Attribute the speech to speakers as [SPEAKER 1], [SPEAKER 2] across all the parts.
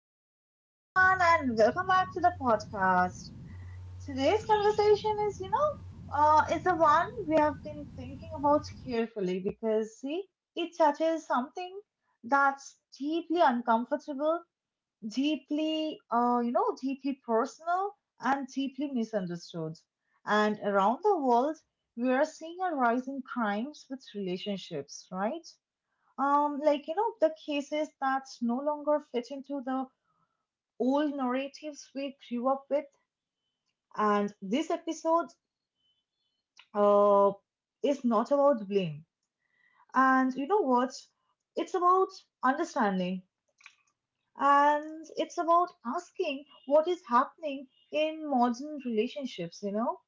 [SPEAKER 1] Hello, everyone, and welcome back to the podcast. Today's conversation is, it's the one we have been thinking about carefully because, see, it touches something that's deeply uncomfortable, deeply, deeply personal, and deeply misunderstood. And around the world, we are seeing a rise in crimes with relationships, right? The cases that no longer fit into the old narratives we grew up with. And this episode uh, is not about blame. And you know what? It's about understanding, and it's about asking what is happening in modern relationships, you know?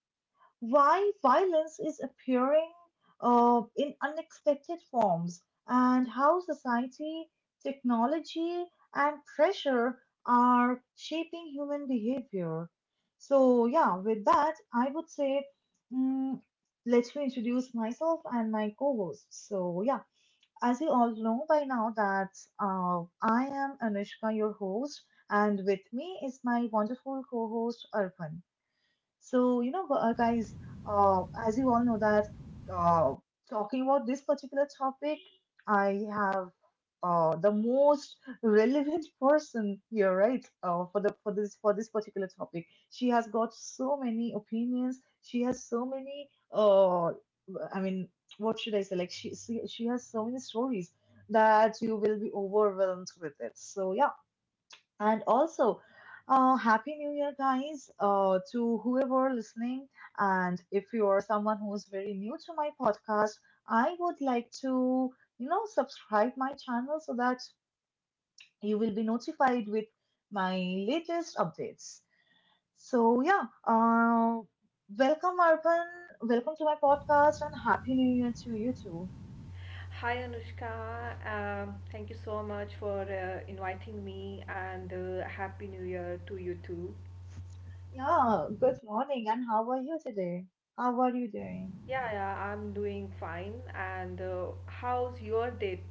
[SPEAKER 1] Why violence is appearing in unexpected forms, and how society, technology, and pressure are shaping human behavior. So, yeah, with that, I would say mm, let me introduce myself and my co host. So, yeah, as you all know by now, that I am Anushka, your host, and with me is my wonderful co host, Arpan. So, guys, as you all know that uh, talking about this particular topic, I have the most relevant person here, right? For this particular topic, she has got so many opinions. She has so many. I mean, what should I say? Like she has so many stories that you will be overwhelmed with it. So yeah. And also, Happy New Year, guys, to whoever listening. And if you are someone who is very new to my podcast, I would like to, you know, subscribe my channel so that you will be notified with my latest updates. So yeah, welcome, Arpan. Welcome to my podcast, and Happy New Year to you too.
[SPEAKER 2] Hi Anushka, thank you so much for inviting me and Happy New Year to you too.
[SPEAKER 1] Yeah, good morning, and how are you today? How are you doing?
[SPEAKER 2] Yeah, yeah, I'm doing fine. And how's your day?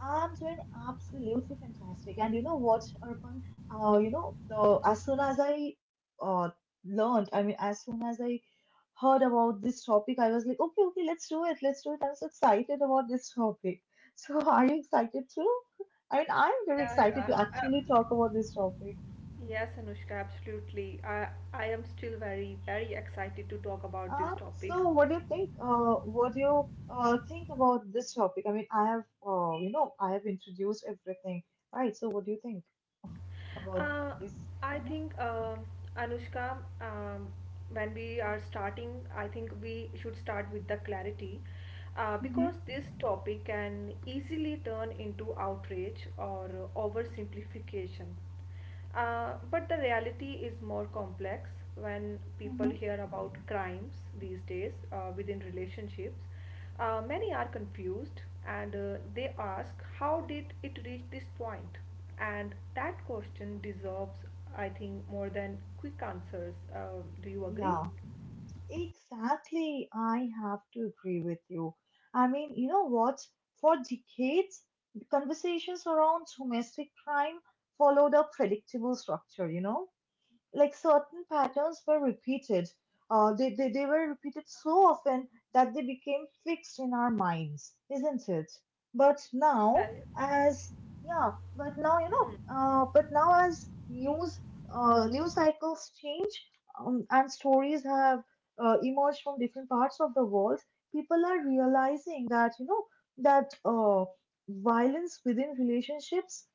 [SPEAKER 1] I'm doing absolutely fantastic. And you know what, Arpan? You know, the as soon as I uh learned, I mean, as soon as I heard about this topic, I was like, okay, okay, let's do it, let's do it. I am so excited about this topic. So, are you excited too? I mean, I'm very
[SPEAKER 2] Yeah, yeah.
[SPEAKER 1] excited to
[SPEAKER 2] uh,
[SPEAKER 1] actually talk about this topic.
[SPEAKER 2] yes, Anushka, absolutely. I am still very, very excited to talk about this topic.
[SPEAKER 1] So what do you think? What do you think about this topic? I mean, I have, I have introduced everything, right? So what do you think about
[SPEAKER 2] Uh,
[SPEAKER 1] this?
[SPEAKER 2] I think Anushka, when we are starting, I think we should start with the clarity
[SPEAKER 1] Mhm,
[SPEAKER 2] because this topic can easily turn into outrage or oversimplification. But the reality is more complex when people
[SPEAKER 1] mhm.
[SPEAKER 2] hear about crimes these days within relationships. Many are confused and they ask, how did it reach this point? And that question deserves, I think, more than quick answers. Do you agree?
[SPEAKER 1] Yeah, exactly. I have to agree with you. I mean, you know what? For decades, the conversations around domestic crime followed a predictable structure, you know? Like certain patterns were repeated. They were repeated so often that they became fixed in our minds, isn't it? But now,
[SPEAKER 2] Yeah,
[SPEAKER 1] as yeah, but now, you know, but now as news news cycles change, and stories have emerged from different parts of the world, people are realizing that, you know, that violence within relationships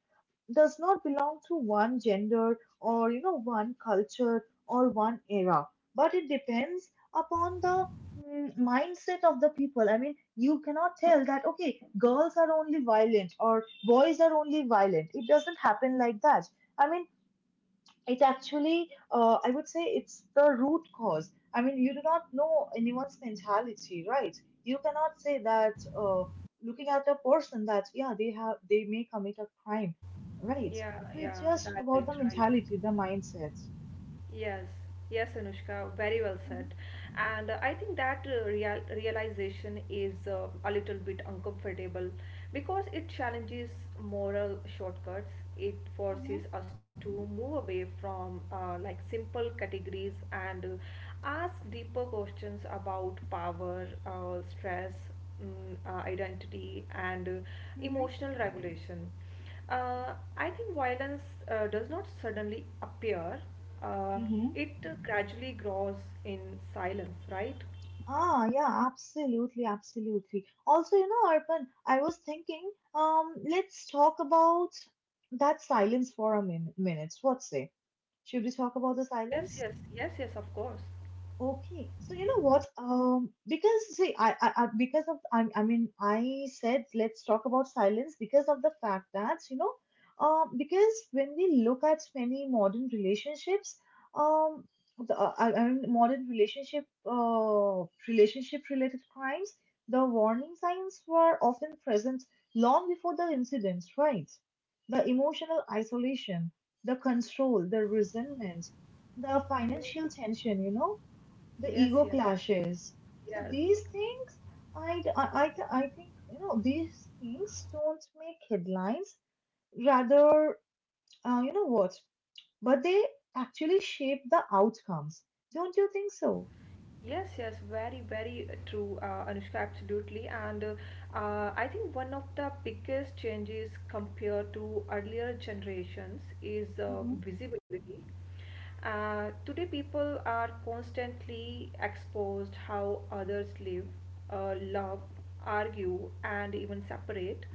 [SPEAKER 1] does not belong to one gender, or you know, one culture or one era, but it depends upon the mindset of the people. I mean, you cannot tell that okay, girls are only violent or boys are only violent. It doesn't happen like that. I mean, it's actually I would say it's the root cause. I mean, you do not know anyone's mentality, right? You cannot say that, looking at a person, that yeah, they have, they may commit a crime, right?
[SPEAKER 2] yeah,
[SPEAKER 1] So it's
[SPEAKER 2] yeah,
[SPEAKER 1] just
[SPEAKER 2] right,
[SPEAKER 1] about the
[SPEAKER 2] right.
[SPEAKER 1] mentality, the mindset.
[SPEAKER 2] Yes, yes, Anushka, very well said. And I think that realization is a little bit uncomfortable because it challenges moral shortcuts. It
[SPEAKER 1] Mm-hmm.
[SPEAKER 2] forces us to move away from like simple categories and ask deeper questions about power, stress, mm, identity, and
[SPEAKER 1] Hmm.
[SPEAKER 2] emotional regulation. I think violence does not suddenly appear, uh,
[SPEAKER 1] Mm-hmm.
[SPEAKER 2] it gradually grows in silence, right?
[SPEAKER 1] Ah, yeah, absolutely, absolutely. Also, you know, Arpan, I was thinking, let's talk about that silence for a minute. What say? Should we talk about the
[SPEAKER 2] Yes,
[SPEAKER 1] silence?
[SPEAKER 2] yes, yes, yes, of course.
[SPEAKER 1] Okay, so you know what? Because see, I because of I mean, I said let's talk about silence because of the fact that, you know, because when we look at many modern relationships, um, the, I mean, modern relationship, relationship related crimes, the warning signs were often present long before the incidents, right? The emotional isolation, the control, the resentment, the
[SPEAKER 2] Mm.
[SPEAKER 1] financial tension, you know, the
[SPEAKER 2] Yes,
[SPEAKER 1] ego
[SPEAKER 2] yes,
[SPEAKER 1] clashes. So
[SPEAKER 2] yes.
[SPEAKER 1] these things, I think, you know, these things don't make headlines. Rather, you know what? But they actually shape the outcomes. Don't you think so?
[SPEAKER 2] Yes, yes, very, very true, Anushka, absolutely. And I think one of the biggest changes compared to earlier generations is
[SPEAKER 1] Mm-hmm.
[SPEAKER 2] visibility. Today, people are constantly exposed how others live, love, argue, and even separate,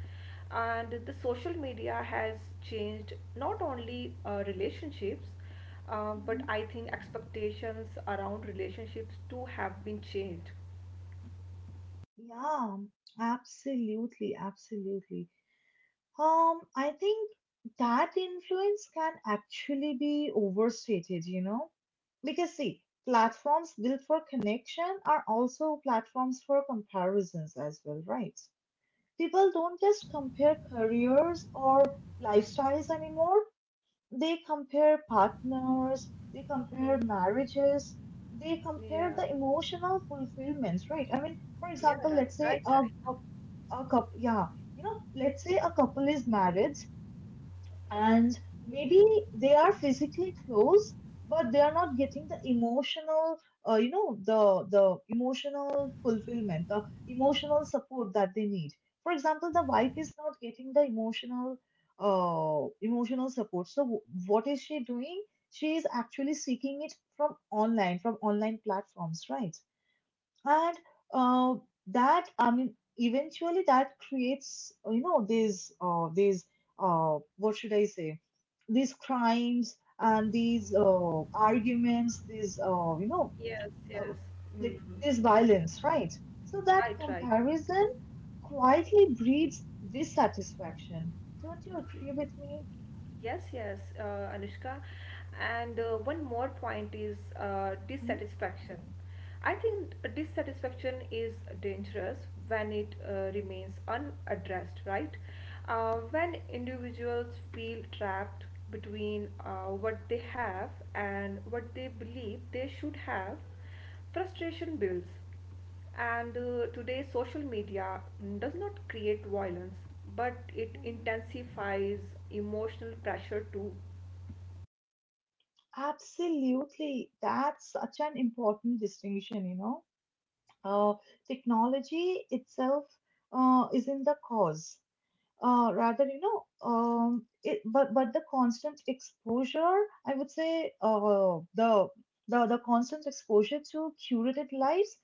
[SPEAKER 2] and the social media has changed not only relationships but
[SPEAKER 1] Mm-hmm.
[SPEAKER 2] I think expectations around relationships too have been changed.
[SPEAKER 1] Yeah, absolutely, absolutely. I think that influence can actually be overstated, you know, because see, platforms built for connection are also platforms for comparisons as well, right? People don't just compare careers or lifestyles anymore. They compare partners, they compare
[SPEAKER 2] Mhm.
[SPEAKER 1] marriages, they
[SPEAKER 2] Yeah,
[SPEAKER 1] compare the emotional fulfillment, right? I mean, for
[SPEAKER 2] yeah,
[SPEAKER 1] example,
[SPEAKER 2] right,
[SPEAKER 1] let's
[SPEAKER 2] right,
[SPEAKER 1] say
[SPEAKER 2] right.
[SPEAKER 1] a couple, yeah, you know, let's say a couple is married and maybe they are physically close, but they are not getting the emotional you know the emotional fulfillment, the emotional support that they need. For example, the wife is not getting the emotional emotional support, so what is she doing? She is actually seeking it from online, from online platforms, right? And uh, that, I mean, eventually that creates, you know, these what should I say these crimes, and these arguments, these you know
[SPEAKER 2] Yes, yes.
[SPEAKER 1] uh,
[SPEAKER 2] Hmm.
[SPEAKER 1] like this violence, right? So that
[SPEAKER 2] Right, right.
[SPEAKER 1] comparison quietly breeds dissatisfaction. Don't you agree with me?
[SPEAKER 2] Yes, yes, Anushka. And one more point is
[SPEAKER 1] Hmm.
[SPEAKER 2] dissatisfaction. I think dissatisfaction is dangerous when it remains unaddressed, right? When individuals feel trapped between what they have and what they believe they should have, frustration builds. And today, social media does not create violence, but it
[SPEAKER 1] Hmm? Mhm.
[SPEAKER 2] intensifies emotional pressure too.
[SPEAKER 1] Absolutely. That's such an important distinction, you know. uh, Technology itself is in the cause. Rather, you know, it, but the constant exposure, I would say, the constant exposure to curated lives,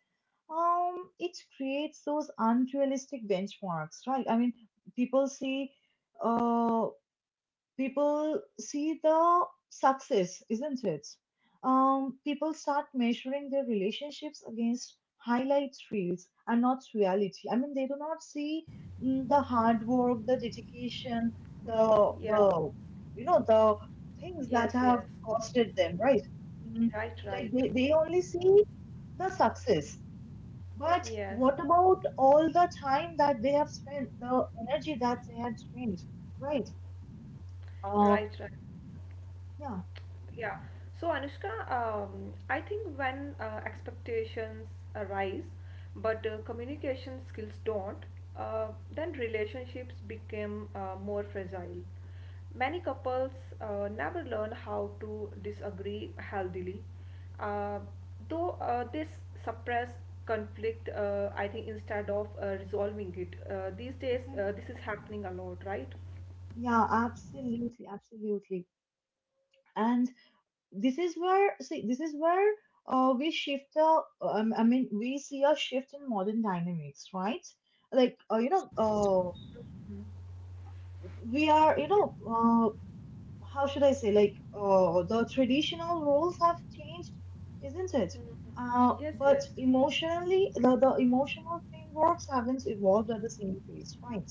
[SPEAKER 1] it creates those unrealistic benchmarks, right? I mean, people see. Uh, People see the success, isn't it? People start measuring their relationships against highlight reels and not reality. I mean, they do not see the hard work, the dedication,
[SPEAKER 2] Mm, yeah,
[SPEAKER 1] the you know the things that
[SPEAKER 2] yes,
[SPEAKER 1] have
[SPEAKER 2] yes.
[SPEAKER 1] costed them, right? Mm,
[SPEAKER 2] Right,
[SPEAKER 1] like
[SPEAKER 2] right.
[SPEAKER 1] they only see the success. But
[SPEAKER 2] Yes,
[SPEAKER 1] what about all the time that they have spent, the energy that they had spent, right? Uh,
[SPEAKER 2] right, right.
[SPEAKER 1] yeah.
[SPEAKER 2] Yeah. So Anushka, I think when expectations arise, but communication skills don't, uh, then relationships become more fragile. Many couples never learn how to disagree healthily, uh, though this suppress conflict. I think instead of resolving it, these days
[SPEAKER 1] Mhm.
[SPEAKER 2] this is happening a lot, right?
[SPEAKER 1] Yeah, absolutely, absolutely. And this is where, see, this is where we shift the, I mean, we see a shift in modern dynamics, right? Like, you know, we are, you
[SPEAKER 2] Yes.
[SPEAKER 1] know, how should I say, like, the traditional roles have changed, isn't it?
[SPEAKER 2] Mm. Yes.
[SPEAKER 1] But
[SPEAKER 2] Yes.
[SPEAKER 1] emotionally, the emotional frameworks haven't evolved at the same pace, right?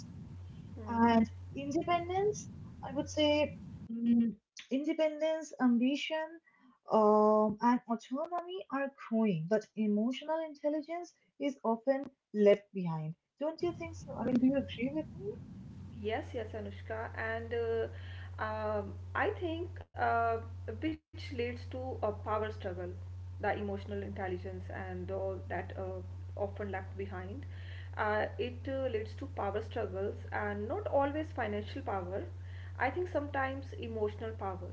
[SPEAKER 2] Mm.
[SPEAKER 1] And independence, I would say, mm, independence, ambition, and autonomy are growing, but emotional intelligence is often left behind. Don't you think so? I mean, do you agree with me?
[SPEAKER 2] Yes, yes, Anushka, and I think which leads to a power struggle, the emotional intelligence and all that often left behind. It leads to power struggles and not always financial power. I think sometimes emotional power.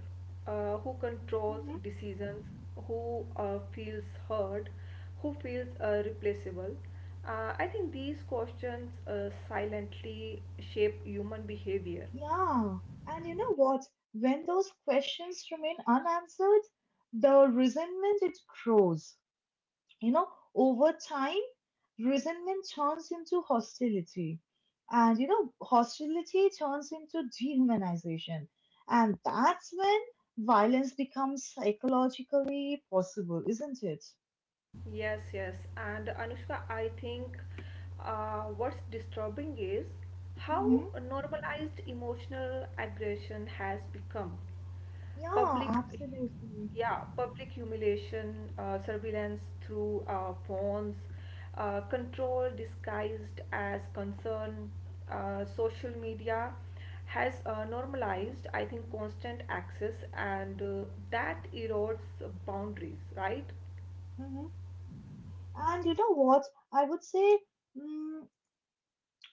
[SPEAKER 2] Who controls
[SPEAKER 1] Hmm.
[SPEAKER 2] decisions? Who feels heard? Who feels replaceable. I think these questions silently shape human behavior.
[SPEAKER 1] Yeah, and you know what? When those questions remain unanswered, the resentment, it grows. You know, over time, resentment turns into hostility, and you know, hostility turns into dehumanization, and that's when violence becomes psychologically possible, isn't it?
[SPEAKER 2] Yes, yes. And Anushka, I think what's disturbing is
[SPEAKER 1] Mm-hmm.
[SPEAKER 2] how normalized emotional aggression has become.
[SPEAKER 1] Yeah,
[SPEAKER 2] Public,
[SPEAKER 1] absolutely.
[SPEAKER 2] yeah, public humiliation, surveillance through phones, control disguised as concern, social media has normalized, I think, constant access, and that erodes boundaries, right?
[SPEAKER 1] Mm-hmm. And you know what? I would say, mm,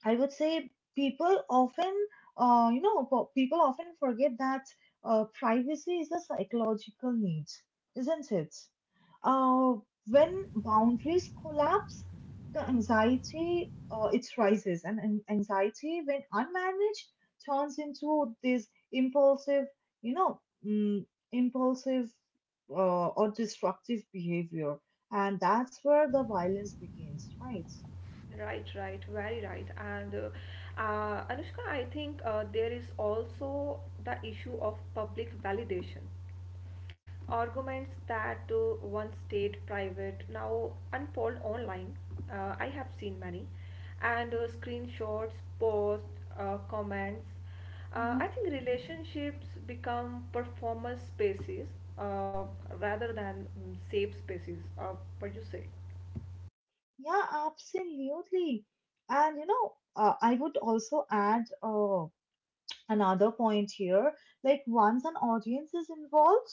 [SPEAKER 1] I would say people often, people often forget that privacy is a psychological need, isn't it? Uh, when boundaries collapse, the anxiety it rises, and anxiety, when unmanaged, turns into this impulsive, you know, mm, impulsive or destructive behavior, and that's where the violence begins, right?
[SPEAKER 2] Right, right, very right. And Anushka, I think there is also the issue of public validation. Arguments that once stayed private now unfold online. I have seen many. And screenshots, posts, comments.
[SPEAKER 1] Mm-hmm.
[SPEAKER 2] I think relationships become performance spaces uh, rather than safe spaces. What do you say?
[SPEAKER 1] Yeah, absolutely. And you know, I would also add another point here. Like once an audience is involved,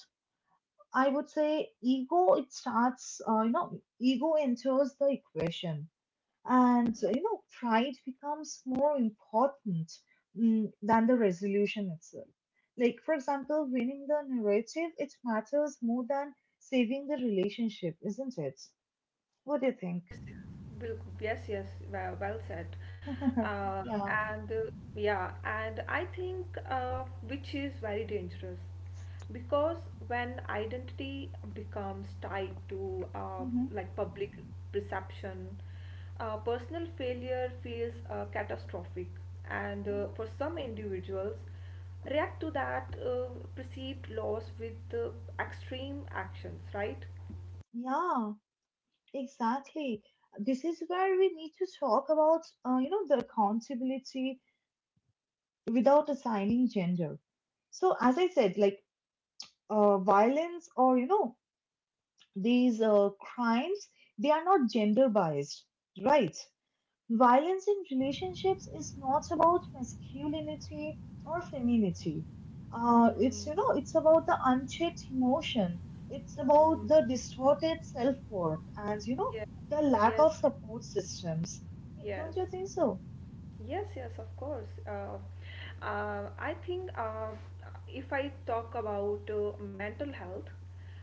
[SPEAKER 1] I would say ego, it starts, you know, ego enters the equation. And, you know, pride becomes more important than the resolution itself. Like, for example, winning the narrative, it matters more than saving the relationship, isn't it? What do you think?
[SPEAKER 2] Yes, bilkul. Yes, yes. Well, well said.
[SPEAKER 1] Yeah.
[SPEAKER 2] And Yeah, and I think which is very dangerous because when identity becomes tied to
[SPEAKER 1] Mhm.
[SPEAKER 2] like public perception, personal failure feels catastrophic, and
[SPEAKER 1] Mhm.
[SPEAKER 2] for some individuals, react to that perceived loss with extreme actions. Right?
[SPEAKER 1] Yeah, exactly. This is where we need to talk about, you know, the accountability without assigning gender. So, as I said, like violence, or, you know, these crimes, they are not gender biased, right? Violence in relationships is not about masculinity or femininity.
[SPEAKER 2] Mm,
[SPEAKER 1] It's, you know, it's about the unchecked emotion. It's
[SPEAKER 2] mm.
[SPEAKER 1] about the distorted self worth, and you know, the lack
[SPEAKER 2] Yes,
[SPEAKER 1] of support systems.
[SPEAKER 2] yes,
[SPEAKER 1] Don't you think so?
[SPEAKER 2] yes, yes, of course. I think if I talk about mental health,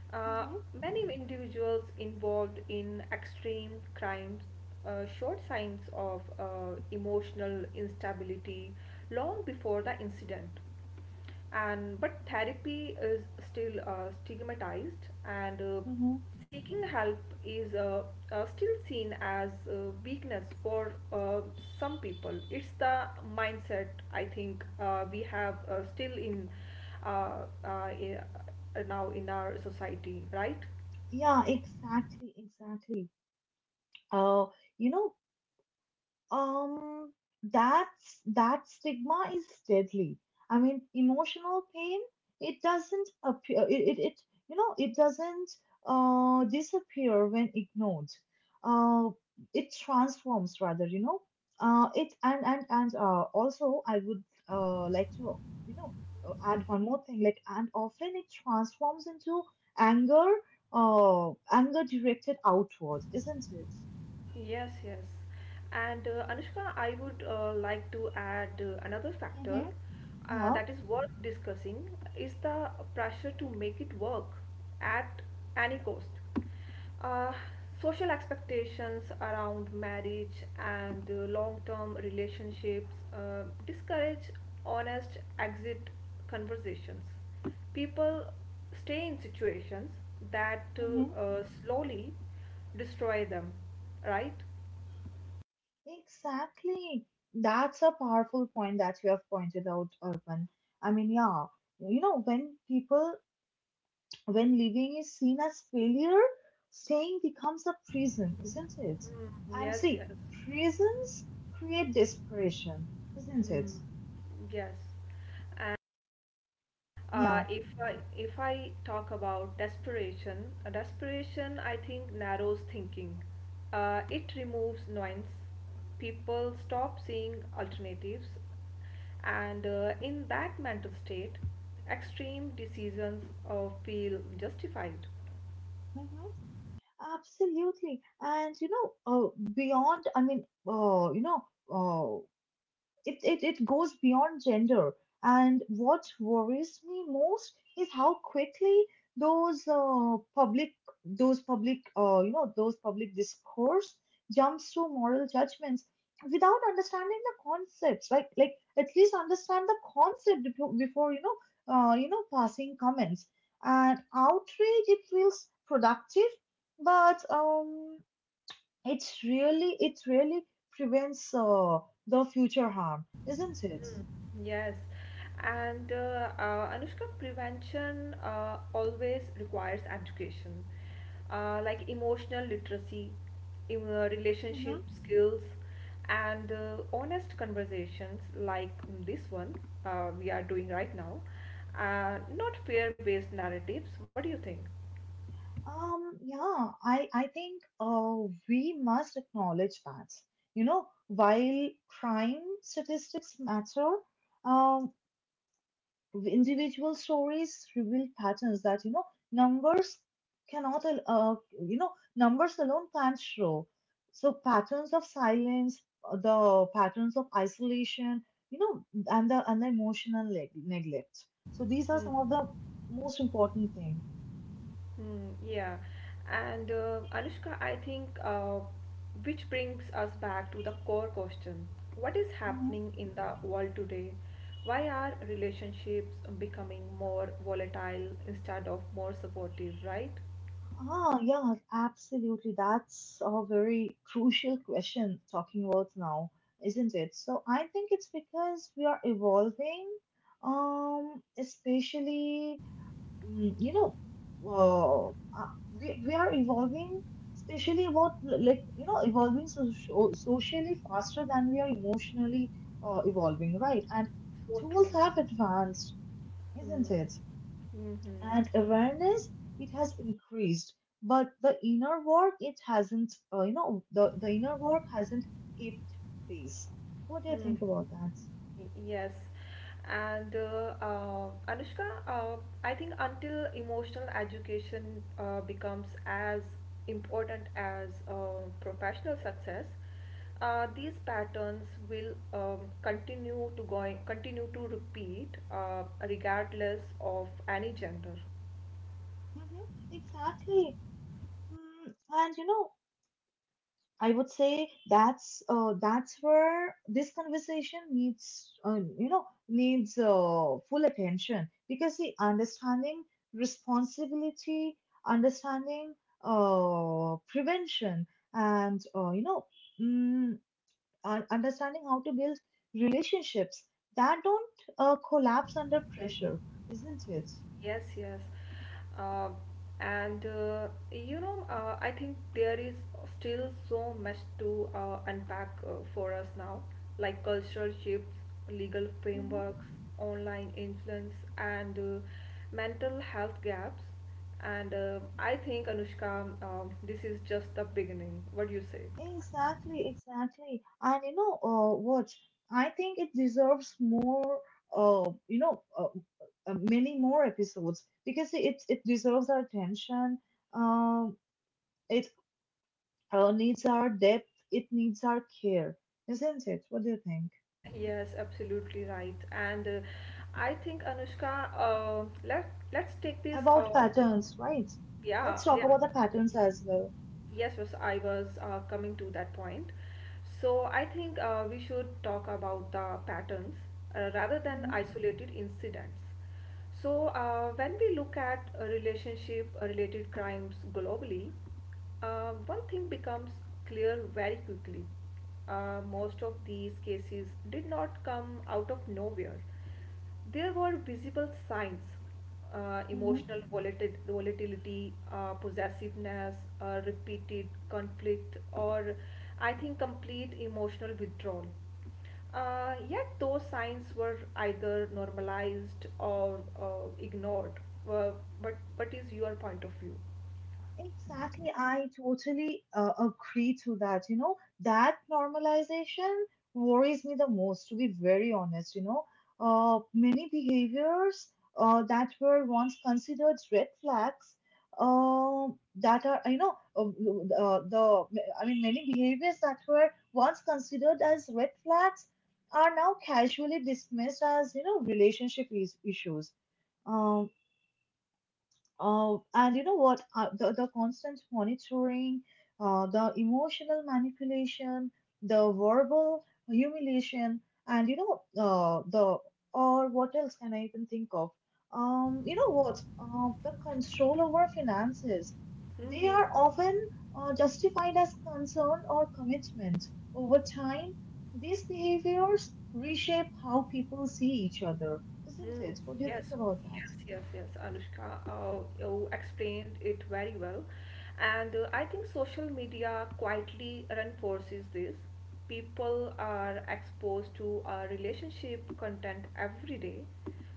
[SPEAKER 2] uh,
[SPEAKER 1] Hmm.
[SPEAKER 2] many individuals involved in extreme crimes showed signs of emotional instability long before the incident, and but therapy is still stigmatized and
[SPEAKER 1] Hmm.
[SPEAKER 2] seeking help is still seen as weakness. For some people it's the mindset I think we have still in uh, uh, i- now in our society, right?
[SPEAKER 1] Yeah, exactly, exactly. Uh, you know Um, that's that stigma is deadly. I mean, emotional pain, it doesn't appear, it, it, it it doesn't disappear when ignored. Uh, it transforms rather, you know. It and Also, I would like to, you know, add one more thing, like, and often it transforms into anger, anger directed outwards, isn't it?
[SPEAKER 2] Yes, yes. And Anushka, I would like to add another factor
[SPEAKER 1] Mm-hmm. Yeah.
[SPEAKER 2] that is worth discussing is the pressure to make it work at any cost. Uh, Social expectations around marriage and long-term relationships discourage honest exit conversations. People stay in situations that slowly destroy them, right?
[SPEAKER 1] Exactly. That's a powerful point that you have pointed out, Urban. I mean, yeah, you know, when people, when living is seen as failure, staying becomes a prison, isn't it?
[SPEAKER 2] Mm,
[SPEAKER 1] And
[SPEAKER 2] yes, yes.
[SPEAKER 1] see, prisons create desperation, isn't it?
[SPEAKER 2] Mm, yes. Uh,
[SPEAKER 1] Yeah.
[SPEAKER 2] if I if I talk about desperation, desperation I think narrows thinking. It removes nuance. People stop seeing alternatives, and in that mental state, extreme decisions feel justified.
[SPEAKER 1] Hmm. Absolutely. And you know, beyond, I mean, you know, uh, it, it, it goes beyond gender. And what worries me most is how quickly those uh, public those public those public discourse jumps to moral judgments without understanding the concepts like, at least understand the concept before passing comments, and outrage it feels productive, but it really prevents the future harm, isn't it?
[SPEAKER 2] Hmm. Yes, and Anushka, prevention always requires education, like emotional literacy, relationship
[SPEAKER 1] Hmm.
[SPEAKER 2] skills, and honest conversations like this one we are doing right now. Not fear-based narratives. What do you think?
[SPEAKER 1] Yeah, I think we must acknowledge that. You know, while crime statistics matter, uh, individual stories reveal patterns that, you know, numbers cannot al- uh, you know numbers alone can't show, so patterns of silence, the patterns of isolation, you know, and the emotional neglect, so these are some of the most important things.
[SPEAKER 2] Hmm. Yeah, and Anushka, I think which brings us back to the core question. What is happening in the world today? Why are relationships becoming more volatile instead of more supportive, right?
[SPEAKER 1] Ah, yeah, absolutely. That's a very crucial question talking about now, isn't it? So I think it's because we are evolving, especially, mm, you know, uh, we are evolving, especially about like, you know, evolving socially faster than we are emotionally evolving, right? And
[SPEAKER 2] So
[SPEAKER 1] tools
[SPEAKER 2] true.
[SPEAKER 1] have advanced,
[SPEAKER 2] Mm.
[SPEAKER 1] isn't it?
[SPEAKER 2] Mm-hmm.
[SPEAKER 1] And awareness, it has increased, but the inner work, it hasn't —the inner work hasn't kept pace. What do you
[SPEAKER 2] Mm.
[SPEAKER 1] think about that?
[SPEAKER 2] Yes. And Anushka, I think until emotional education becomes as important as professional success, these patterns will continue to going continue to repeat regardless of any gender.
[SPEAKER 1] Hmm, exactly. And you know, I would say that's where this conversation needs, full attention, because the understanding, responsibility, understanding, prevention, and mm, and understanding how to build relationships that don't collapse under pressure, isn't it?
[SPEAKER 2] Yes, yes. Uh, and You know, I think there is still so much to unpack for us now, like cultural shifts, legal
[SPEAKER 1] Hmm.
[SPEAKER 2] frameworks, online influence, and mental health gaps. And I think, Anushka, this is just the beginning. What do you say?
[SPEAKER 1] Exactly, exactly. And you know what? I think it deserves more, uh, you know, uh, many more episodes, because it deserves our attention. Um, it needs our depth, it needs our care, isn't it? What do you think?
[SPEAKER 2] Yes, absolutely right. And I think Anushka, let's take this.
[SPEAKER 1] About patterns, right?
[SPEAKER 2] Yeah,
[SPEAKER 1] Let's talk
[SPEAKER 2] yeah.
[SPEAKER 1] about the patterns as well.
[SPEAKER 2] Yes, yes, I was coming to that point. So I think we should talk about the patterns rather than
[SPEAKER 1] Mhm,
[SPEAKER 2] isolated incidents. So when we look at relationship-related crimes globally, one thing becomes clear very quickly. Most of these cases did not come out of nowhere. There were visible signs,
[SPEAKER 1] mhm.
[SPEAKER 2] volatility, possessiveness, repeated conflict, or I think complete emotional withdrawal. Yet those signs were either normalized or ignored. Uh, but what is your point of view?
[SPEAKER 1] Exactly, I totally agree to that. You know, that normalization worries me the most, to be very honest. You know, many behaviors that were once considered red flags, uh, that are, you know, the, I mean, many behaviors that were once considered as red flags are now casually dismissed as, you know, relationship is issues. Um, and you know what? The constant monitoring, the emotional manipulation, the verbal humiliation, and you know, the or what else can I even think of? You know what? The control over finances. They are
[SPEAKER 2] Hmm.
[SPEAKER 1] often justified as concern or commitment. Over time, these behaviors reshape how people see each other, isn't
[SPEAKER 2] Mm,
[SPEAKER 1] it? What do you
[SPEAKER 2] yes,
[SPEAKER 1] think about that?
[SPEAKER 2] yes, yes, yes, Anushka. You explained it very well. And I think social media quietly reinforces this. People are exposed to relationship content every day,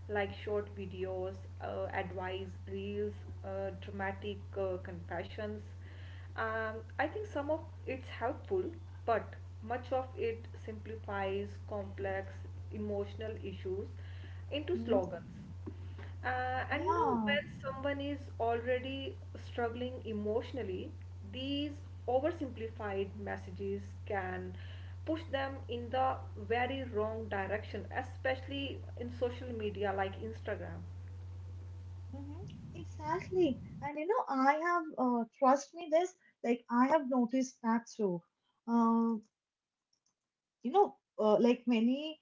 [SPEAKER 2] like short videos, advice, reels, dramatic confessions. I think some of it's helpful, but much of it simplifies complex emotional issues into
[SPEAKER 1] Hmm?
[SPEAKER 2] slogans. And you know,
[SPEAKER 1] Yeah.
[SPEAKER 2] when someone is already struggling emotionally, these oversimplified messages can push them in the very wrong direction, especially in social media like Instagram.
[SPEAKER 1] Mm-hmm. Exactly. And you know, I have, trust me this, like, I have noticed that too. Uh, you know, uh, like many,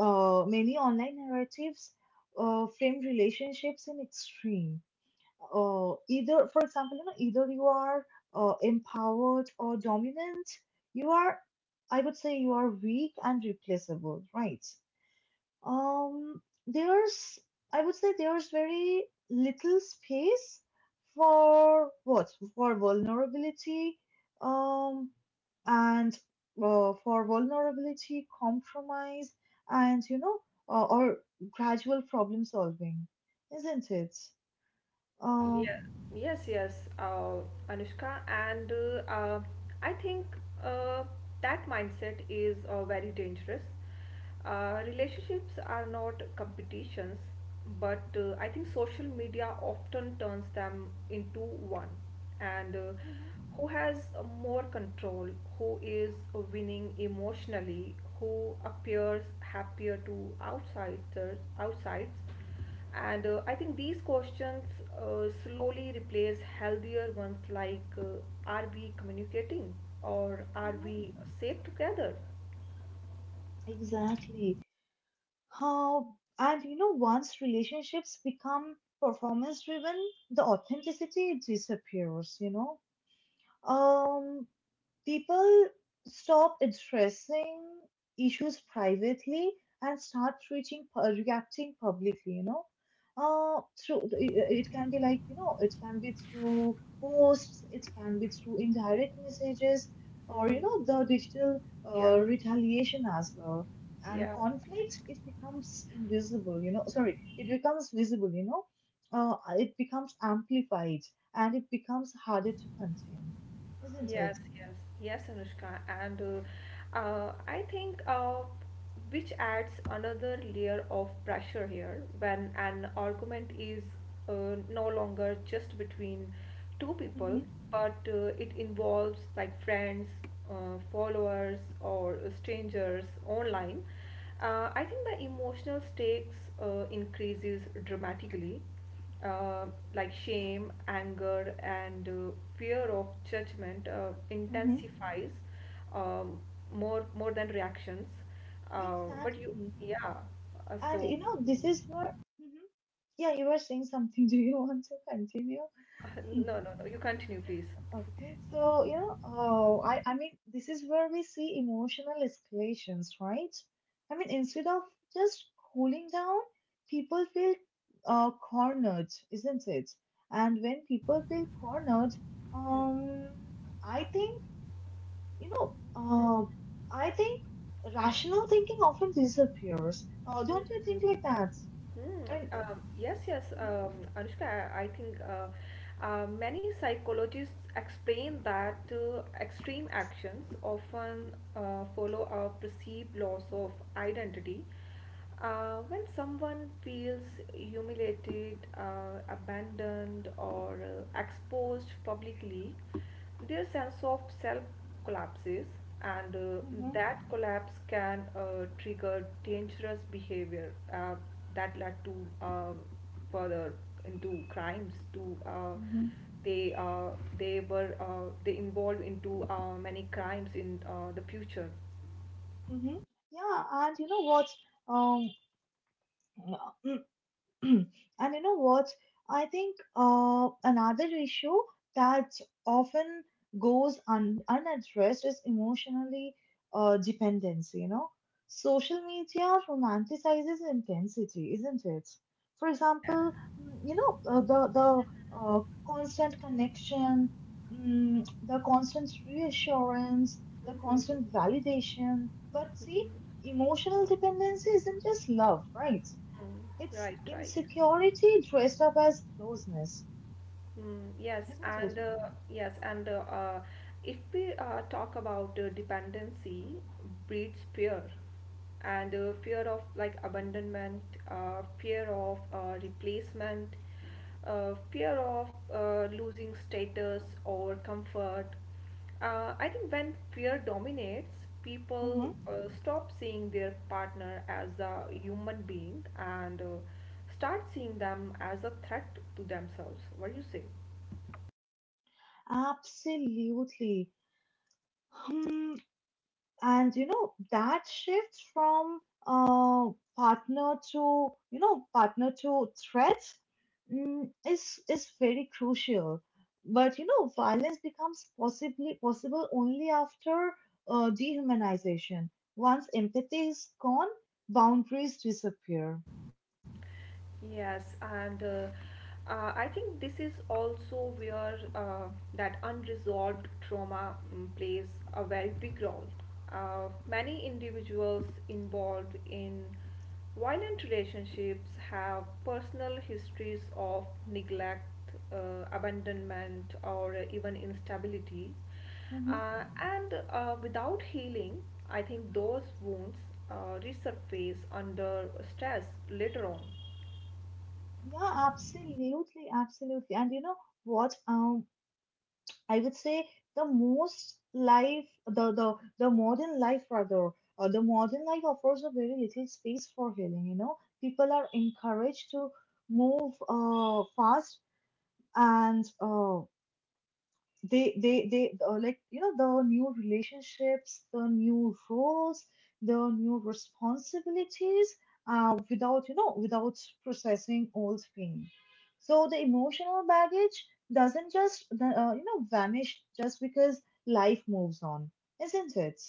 [SPEAKER 1] uh, many online narratives frame relationships in extreme. Either, for example, you know, either you are empowered or dominant, you are, I would say, you are weak and replaceable, right? Um, there's, I would say, there's very little space for what? For vulnerability, um, and for vulnerability, compromise, and you know, or gradual problem solving, isn't it? Um,
[SPEAKER 2] Yeah, yes, yes, Anushka, and I think uh, that mindset is very dangerous. Relationships are not competitions, but I think social media often turns them into one. And
[SPEAKER 1] mhm,
[SPEAKER 2] who has more control, who is winning emotionally, who appears happier to outsiders, outsides, and I think these questions slowly replace healthier ones like are we communicating or are
[SPEAKER 1] mhm,
[SPEAKER 2] we safe together?
[SPEAKER 1] exactly. How, and you know, once relationships become performance driven, the authenticity disappears. You know, Um, people stop addressing issues privately and start reaching reacting publicly, you know, through it. It can be, like, you know, it can be through posts, it can be through indirect messages, or, you know,
[SPEAKER 2] Hmm,
[SPEAKER 1] the digital
[SPEAKER 2] yeah,
[SPEAKER 1] retaliation as well. And
[SPEAKER 2] yeah.
[SPEAKER 1] conflict, it becomes visible, you know, it becomes amplified, and it becomes harder to contain, isn't it?
[SPEAKER 2] Yes, yes, yes, Anushka, and I think which adds another layer of pressure here when an argument is no longer just between two
[SPEAKER 1] Mm-hmm.
[SPEAKER 2] people, but it involves like friends, followers, or strangers online. I think the emotional stakes increases dramatically, uh, like shame, anger, and fear of judgment
[SPEAKER 1] Mm-hmm.
[SPEAKER 2] intensifies, um, more more than reactions.
[SPEAKER 1] Exactly.
[SPEAKER 2] Yeah. Uh,
[SPEAKER 1] And
[SPEAKER 2] so,
[SPEAKER 1] you know, this is where— Mhm. Yeah, you were saying something. Do you want to continue?
[SPEAKER 2] no, no, no. You continue, please.
[SPEAKER 1] Okay. So, you know, oh, I mean, this is where we see emotional escalations, right? I mean, instead of just cooling down, people feel cornered, isn't it? And when people feel cornered, um, I think, you know, uh, I think rational thinking often disappears. Don't you think
[SPEAKER 2] Mhm.
[SPEAKER 1] like that? I mean,
[SPEAKER 2] Hmm. Yes, yes, Anushka, I think many psychologists explain that extreme actions often follow a perceived loss of identity. When someone feels humiliated, abandoned, or exposed publicly, their sense of self collapses, and
[SPEAKER 1] mhm, mhm,
[SPEAKER 2] that collapse can trigger dangerous behavior that led to uh, further into crimes to
[SPEAKER 1] mhm,
[SPEAKER 2] they uh, they were they involved into many crimes in the future.
[SPEAKER 1] mhm. Yeah, and you know what? Um, and you know what? I think another issue that often goes unaddressed is emotionally dependence, you know. Social media romanticizes intensity, isn't it? For
[SPEAKER 2] Yeah.
[SPEAKER 1] example, mm, you know, the uh, constant connection, the constant reassurance, the
[SPEAKER 2] Mm-hmm.
[SPEAKER 1] constant validation. But see, emotional dependency isn't just love, right?
[SPEAKER 2] Mm,
[SPEAKER 1] It's
[SPEAKER 2] right, right.
[SPEAKER 1] insecurity dressed up as closeness,
[SPEAKER 2] Mm, yes,
[SPEAKER 1] isn't it?
[SPEAKER 2] and if we talk about dependency breeds fear, and fear of like abandonment, fear of replacement, fear of losing status or comfort. I think when fear dominates,
[SPEAKER 1] Hmm.
[SPEAKER 2] people stop seeing their partner as a human being and start seeing them as a threat to themselves. What do you say?
[SPEAKER 1] Absolutely. Hmm. And you know, that shift from uh, partner to threat, is very crucial. But you know, violence becomes possibly possible only after dehumanization. Once empathy is gone, boundaries disappear.
[SPEAKER 2] Yes, and I think this is also where that unresolved trauma plays a very big role. Many individuals involved in violent relationships have personal histories of neglect, abandonment, or even instability. And Without healing, I think those wounds resurface under stress later on.
[SPEAKER 1] Yeah, absolutely, absolutely. And you know what? I would say the modern life, rather, the modern life offers a very little space for healing. You know, people are encouraged to move fast, and they like, you know, the new relationships, the new roles, the new responsibilities, without, you know, without processing old pain. So the emotional baggage doesn't just you know vanish just because life moves on, isn't it?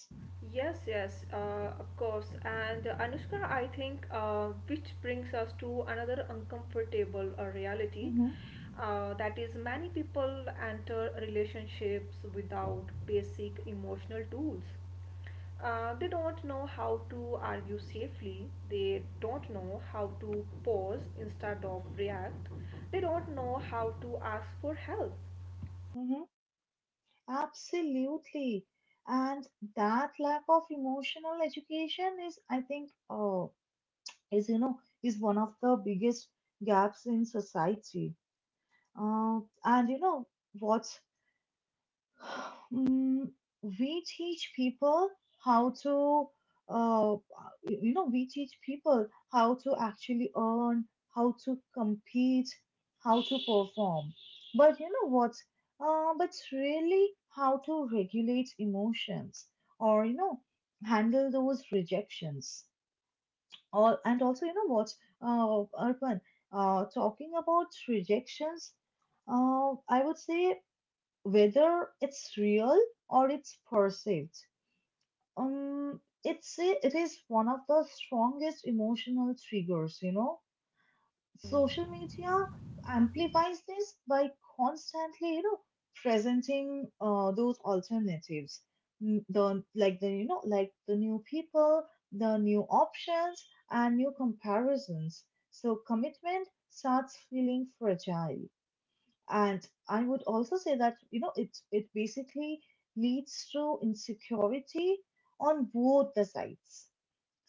[SPEAKER 2] Yes, yes, of course. And Anushka, I think, which brings us to another uncomfortable reality.
[SPEAKER 1] Mm-hmm,
[SPEAKER 2] That is, many people enter relationships without basic emotional tools. They don't know how to argue safely. They don't know how to pause instead of react. They don't know how to ask for help.
[SPEAKER 1] mm-hmm. Absolutely. And that lack of emotional education is, I think, is you know is one of the biggest gaps in society, uh, and you know what? mm, we teach people how to uh, we teach people how to actually earn, how to compete, how to perform, but you know what? But really, how to regulate emotions, or, you know, handle those rejections. All, and also, you know what, Arpan, talking about rejections, I would say, whether it's real or it's perceived, it is one of the strongest emotional triggers, you know.
[SPEAKER 2] Hmm.
[SPEAKER 1] Social media amplifies this by constantly, you know, presenting those alternatives. The like, the, you know, like the new people, the new options, and new comparisons. So commitment starts feeling fragile, and I would also say that, you know, it basically leads to insecurity on both the sides.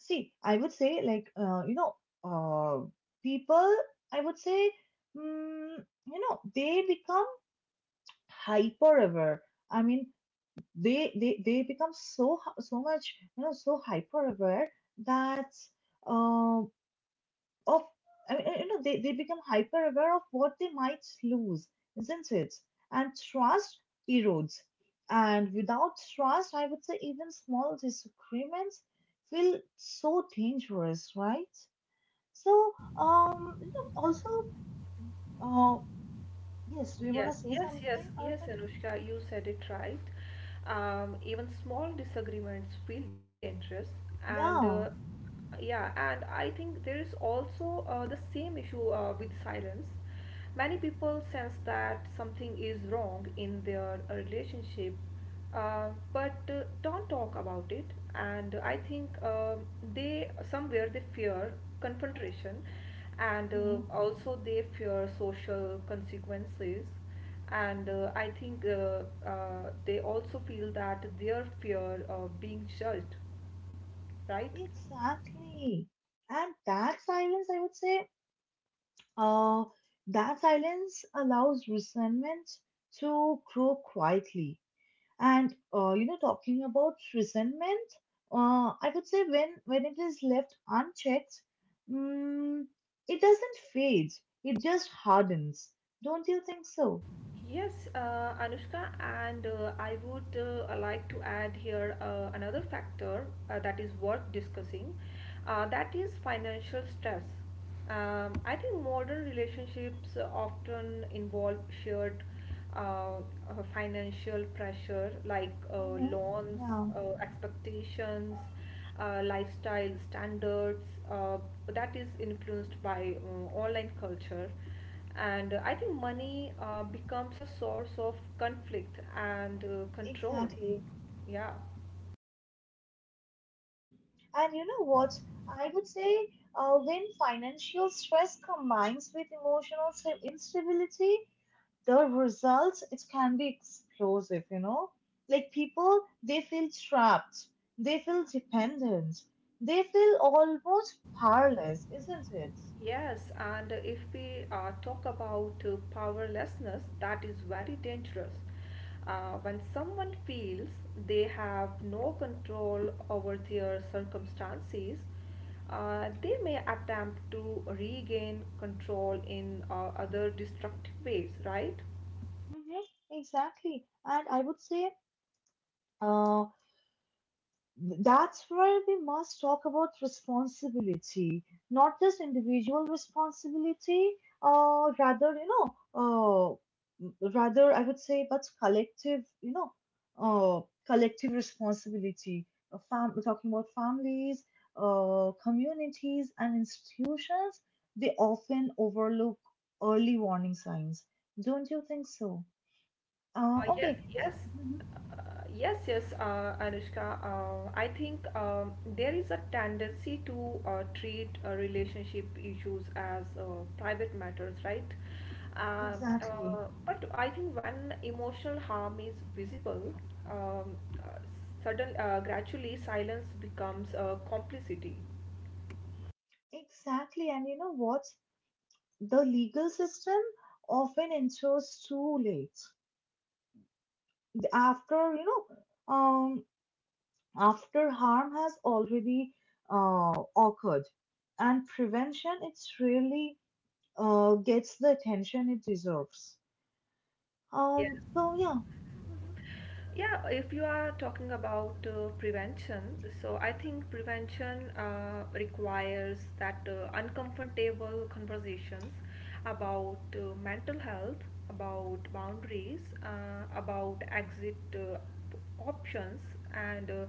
[SPEAKER 1] See, I would say, like, uh, people, I would say, mm, you know, they become hyper aware. I mean, they become so much, you know, so hyper aware that uh, of, I mean, you know, they become hyper aware of what they might lose, isn't it? And trust erodes. And without trust, I would say even small disagreements feel so dangerous, right? So, um, you know, also, uh, yes, do you want
[SPEAKER 2] Yes,
[SPEAKER 1] to say
[SPEAKER 2] yes, yes,
[SPEAKER 1] something,
[SPEAKER 2] yes,
[SPEAKER 1] Arpan?
[SPEAKER 2] Anushka, you said it right. Even small disagreements feel dangerous, and
[SPEAKER 1] Yeah,
[SPEAKER 2] yeah, and I think there is also the same issue with silence. Many people sense that something is wrong in their relationship but don't talk about it. And I think they somewhere they fear confrontation, and
[SPEAKER 1] mm,
[SPEAKER 2] also they fear social consequences. And I think they also feel that their fear of being judged, right?
[SPEAKER 1] exactly. And that silence, I would say, uh, that silence allows resentment to grow quietly. And you know, talking about resentment, I would say, when it is left unchecked, mm, it doesn't fade. It just hardens. Don't you think so?
[SPEAKER 2] Yes, Anushka, and I would like to add here another factor that is worth discussing, that is financial stress. I think modern relationships often involve shared uh, financial pressure like
[SPEAKER 1] Mm-hmm.
[SPEAKER 2] loans,
[SPEAKER 1] Yeah.
[SPEAKER 2] expectations, lifestyle standards uh, that is influenced by online culture, and I think money becomes a source of conflict and control.
[SPEAKER 1] Exactly.
[SPEAKER 2] Yeah.
[SPEAKER 1] And you know what? I would say when financial stress combines with emotional instability, the results, it can be explosive, you know? Like people, they feel trapped, they feel dependent, they feel almost powerless, isn't it?
[SPEAKER 2] Yes, and if we talk about powerlessness, that is very dangerous. When someone feels they have no control over their circumstances, they may attempt to regain control in other destructive ways, right?
[SPEAKER 1] Mm-hmm. Exactly. And I would say uh, that's where we must talk about responsibility, not just individual responsibility, rather, you know, rather, I would say, but collective, you know, collective responsibility. A talking about families, communities, and institutions, they often overlook early warning signs. Don't you think so?
[SPEAKER 2] Uh, yes,
[SPEAKER 1] Okay,
[SPEAKER 2] yes,
[SPEAKER 1] mhm,
[SPEAKER 2] yes, yes, Anushka. I think there is a tendency to treat relationship issues as private matters, right? Uh,
[SPEAKER 1] exactly.
[SPEAKER 2] but I think when emotional harm is visible, um, uh, sudden, gradually silence becomes complicity.
[SPEAKER 1] Exactly, and you know what? The legal system often ensures too late, after, you know, after harm has already occurred, and prevention, it's really gets the attention it deserves.
[SPEAKER 2] Yes.
[SPEAKER 1] So yeah. Hmm.
[SPEAKER 2] Yeah, if you are talking about prevention, so I think prevention requires that uncomfortable conversations about mental health, about boundaries, about exit options, and uh,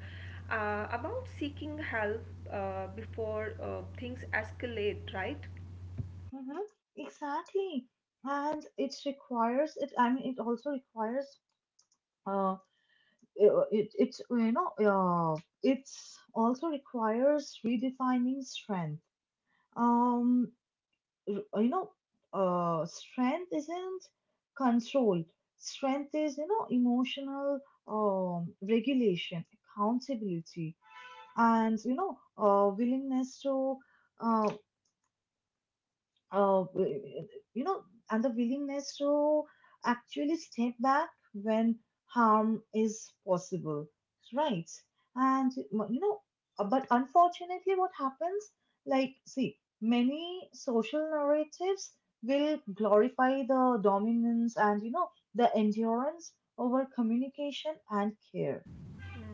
[SPEAKER 2] uh, about seeking help before things escalate, right?
[SPEAKER 1] Hmm, exactly. And it requires it, I mean, it also requires uh it it's you know it's also requires redefining strength. um you know, strength isn't control. Strength is, you know, emotional regulation, accountability, and, you know, willingness to uh, uh, you know, and the willingness to actually step back when harm is possible, right? And you know, but unfortunately, what happens? Like, see, many social narratives will glorify the dominance and, you know, the endurance over communication and care.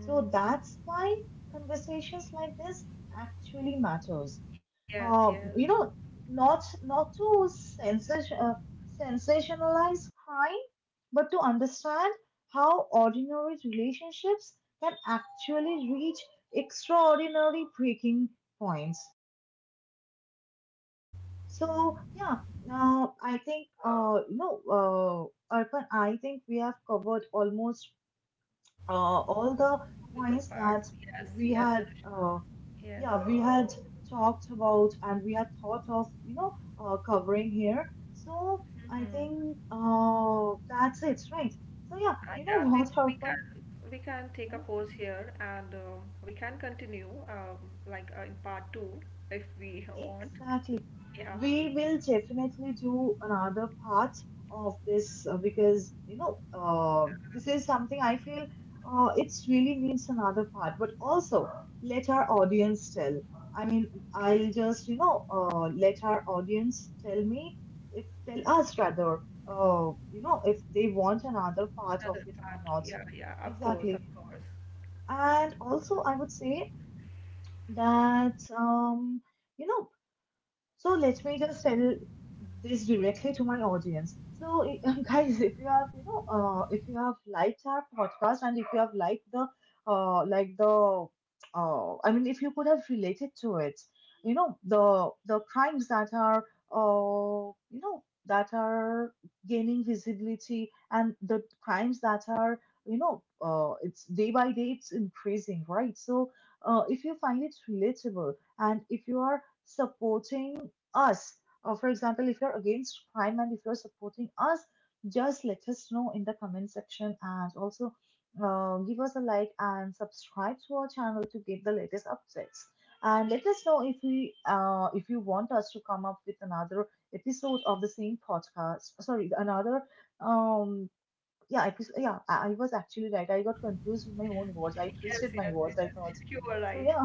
[SPEAKER 1] So that's why conversations like this actually matters,
[SPEAKER 2] yes, yes.
[SPEAKER 1] you know, not to sensationalize crime, but to understand how ordinary relationships can actually reach extraordinary breaking points. So yeah, now I think, Arpan, I think we have covered almost all the
[SPEAKER 2] With the
[SPEAKER 1] points
[SPEAKER 2] part.
[SPEAKER 1] that
[SPEAKER 2] Yes,
[SPEAKER 1] we
[SPEAKER 2] yes,
[SPEAKER 1] had.
[SPEAKER 2] Anushka. Yes.
[SPEAKER 1] Yeah, we had talked about and we had thought of, you know, covering here. So I
[SPEAKER 2] Mhm.
[SPEAKER 1] think that's it, right? So yeah, you know,
[SPEAKER 2] Yeah, we,
[SPEAKER 1] what,
[SPEAKER 2] we can
[SPEAKER 1] Harpan?
[SPEAKER 2] we can take a pause here and we can continue like in part two if we want.
[SPEAKER 1] Exactly.
[SPEAKER 2] Yeah.
[SPEAKER 1] We will definitely do another part of this, because you know, this is something I feel it's really needs another part. But also, let our audience tell. I mean, I'll
[SPEAKER 2] Okay.
[SPEAKER 1] just, you know, let our audience tell me, if— tell us, rather, you know, if they want another part of
[SPEAKER 2] Another
[SPEAKER 1] it or
[SPEAKER 2] part.
[SPEAKER 1] not.
[SPEAKER 2] Yeah, yeah. Of course,
[SPEAKER 1] Exactly,
[SPEAKER 2] of course.
[SPEAKER 1] and also I would say that, you know, so let me just tell this directly to my audience. So I— guys, if you have, you know, if you have liked our podcast, and if you have liked the uh, like the I mean, if you could have related to it, you know, the crimes that are, you know, that are gaining visibility, and the crimes that are, you know, it's day by day it's increasing, right? So if you find it relatable, and if you are supporting us. For example, if you're against crime and if you're supporting us, just let us know in the comment section, and also give us a like and subscribe to our channel to get the latest updates. And let us know if we, if you want us to come up with another episode of the same podcast. Sorry, another um yeah episode. Yeah, I was actually right. I got confused with my own words. I
[SPEAKER 2] Yes,
[SPEAKER 1] twisted my
[SPEAKER 2] yes,
[SPEAKER 1] words. I
[SPEAKER 2] yes.
[SPEAKER 1] thought
[SPEAKER 2] You were
[SPEAKER 1] so.
[SPEAKER 2] right.
[SPEAKER 1] Yeah.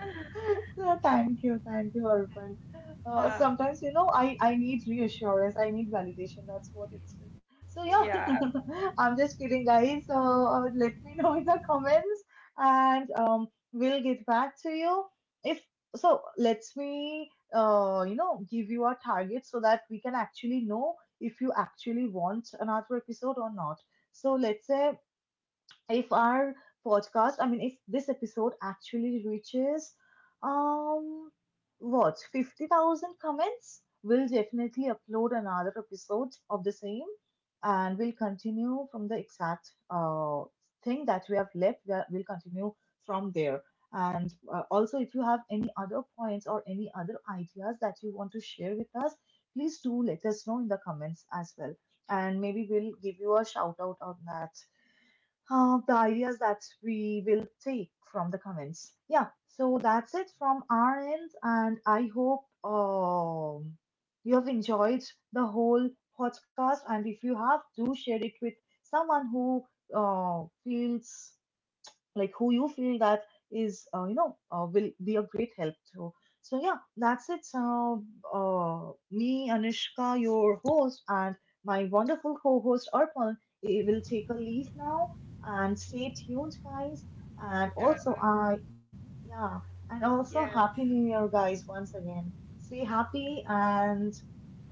[SPEAKER 1] No, thank you, thank you, Arpan.
[SPEAKER 2] Uh,
[SPEAKER 1] Sometimes, you know, I need reassurance, I need validation. That's what it is. So, yeah,
[SPEAKER 2] yeah.
[SPEAKER 1] I'm just kidding, guys. So, let me know in the comments, and we'll get back to you. If so, let me, you know, give you a target so that we can actually know if you actually want another episode or not. So, let's say, if our podcast, I mean, if this episode actually reaches, um what, 50,000 comments, we'll definitely upload another episode of the same, and we'll continue from the exact thing that we have left. We'll continue from there. And also, if you have any other points or any other ideas that you want to share with us, please do let us know in the comments as well, and maybe we'll give you a shout out on that, the ideas that we will take from the comments. Yeah, so that's it from our end, and I hope, you have enjoyed the whole podcast. And if you have, do share it with someone who feels, like, who you feel that is, will be a great help to. So yeah, that's it, me, Anushka, your host, and my wonderful co-host, Arpan, will take a leave now, and stay tuned, guys. And
[SPEAKER 2] Uh,
[SPEAKER 1] also, I— yeah, and
[SPEAKER 2] yes.
[SPEAKER 1] also happy new year, guys, once again. Stay happy, and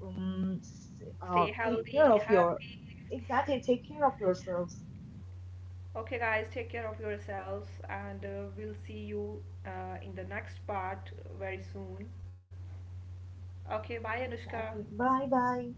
[SPEAKER 1] um, s-
[SPEAKER 2] Stay
[SPEAKER 1] take care
[SPEAKER 2] healthy,
[SPEAKER 1] of your—
[SPEAKER 2] happy.
[SPEAKER 1] exactly, take care of yourselves.
[SPEAKER 2] Okay, guys, take care of yourselves, and we'll see you in the next part very soon. Okay, bye, Anushka.
[SPEAKER 1] Exactly, bye bye.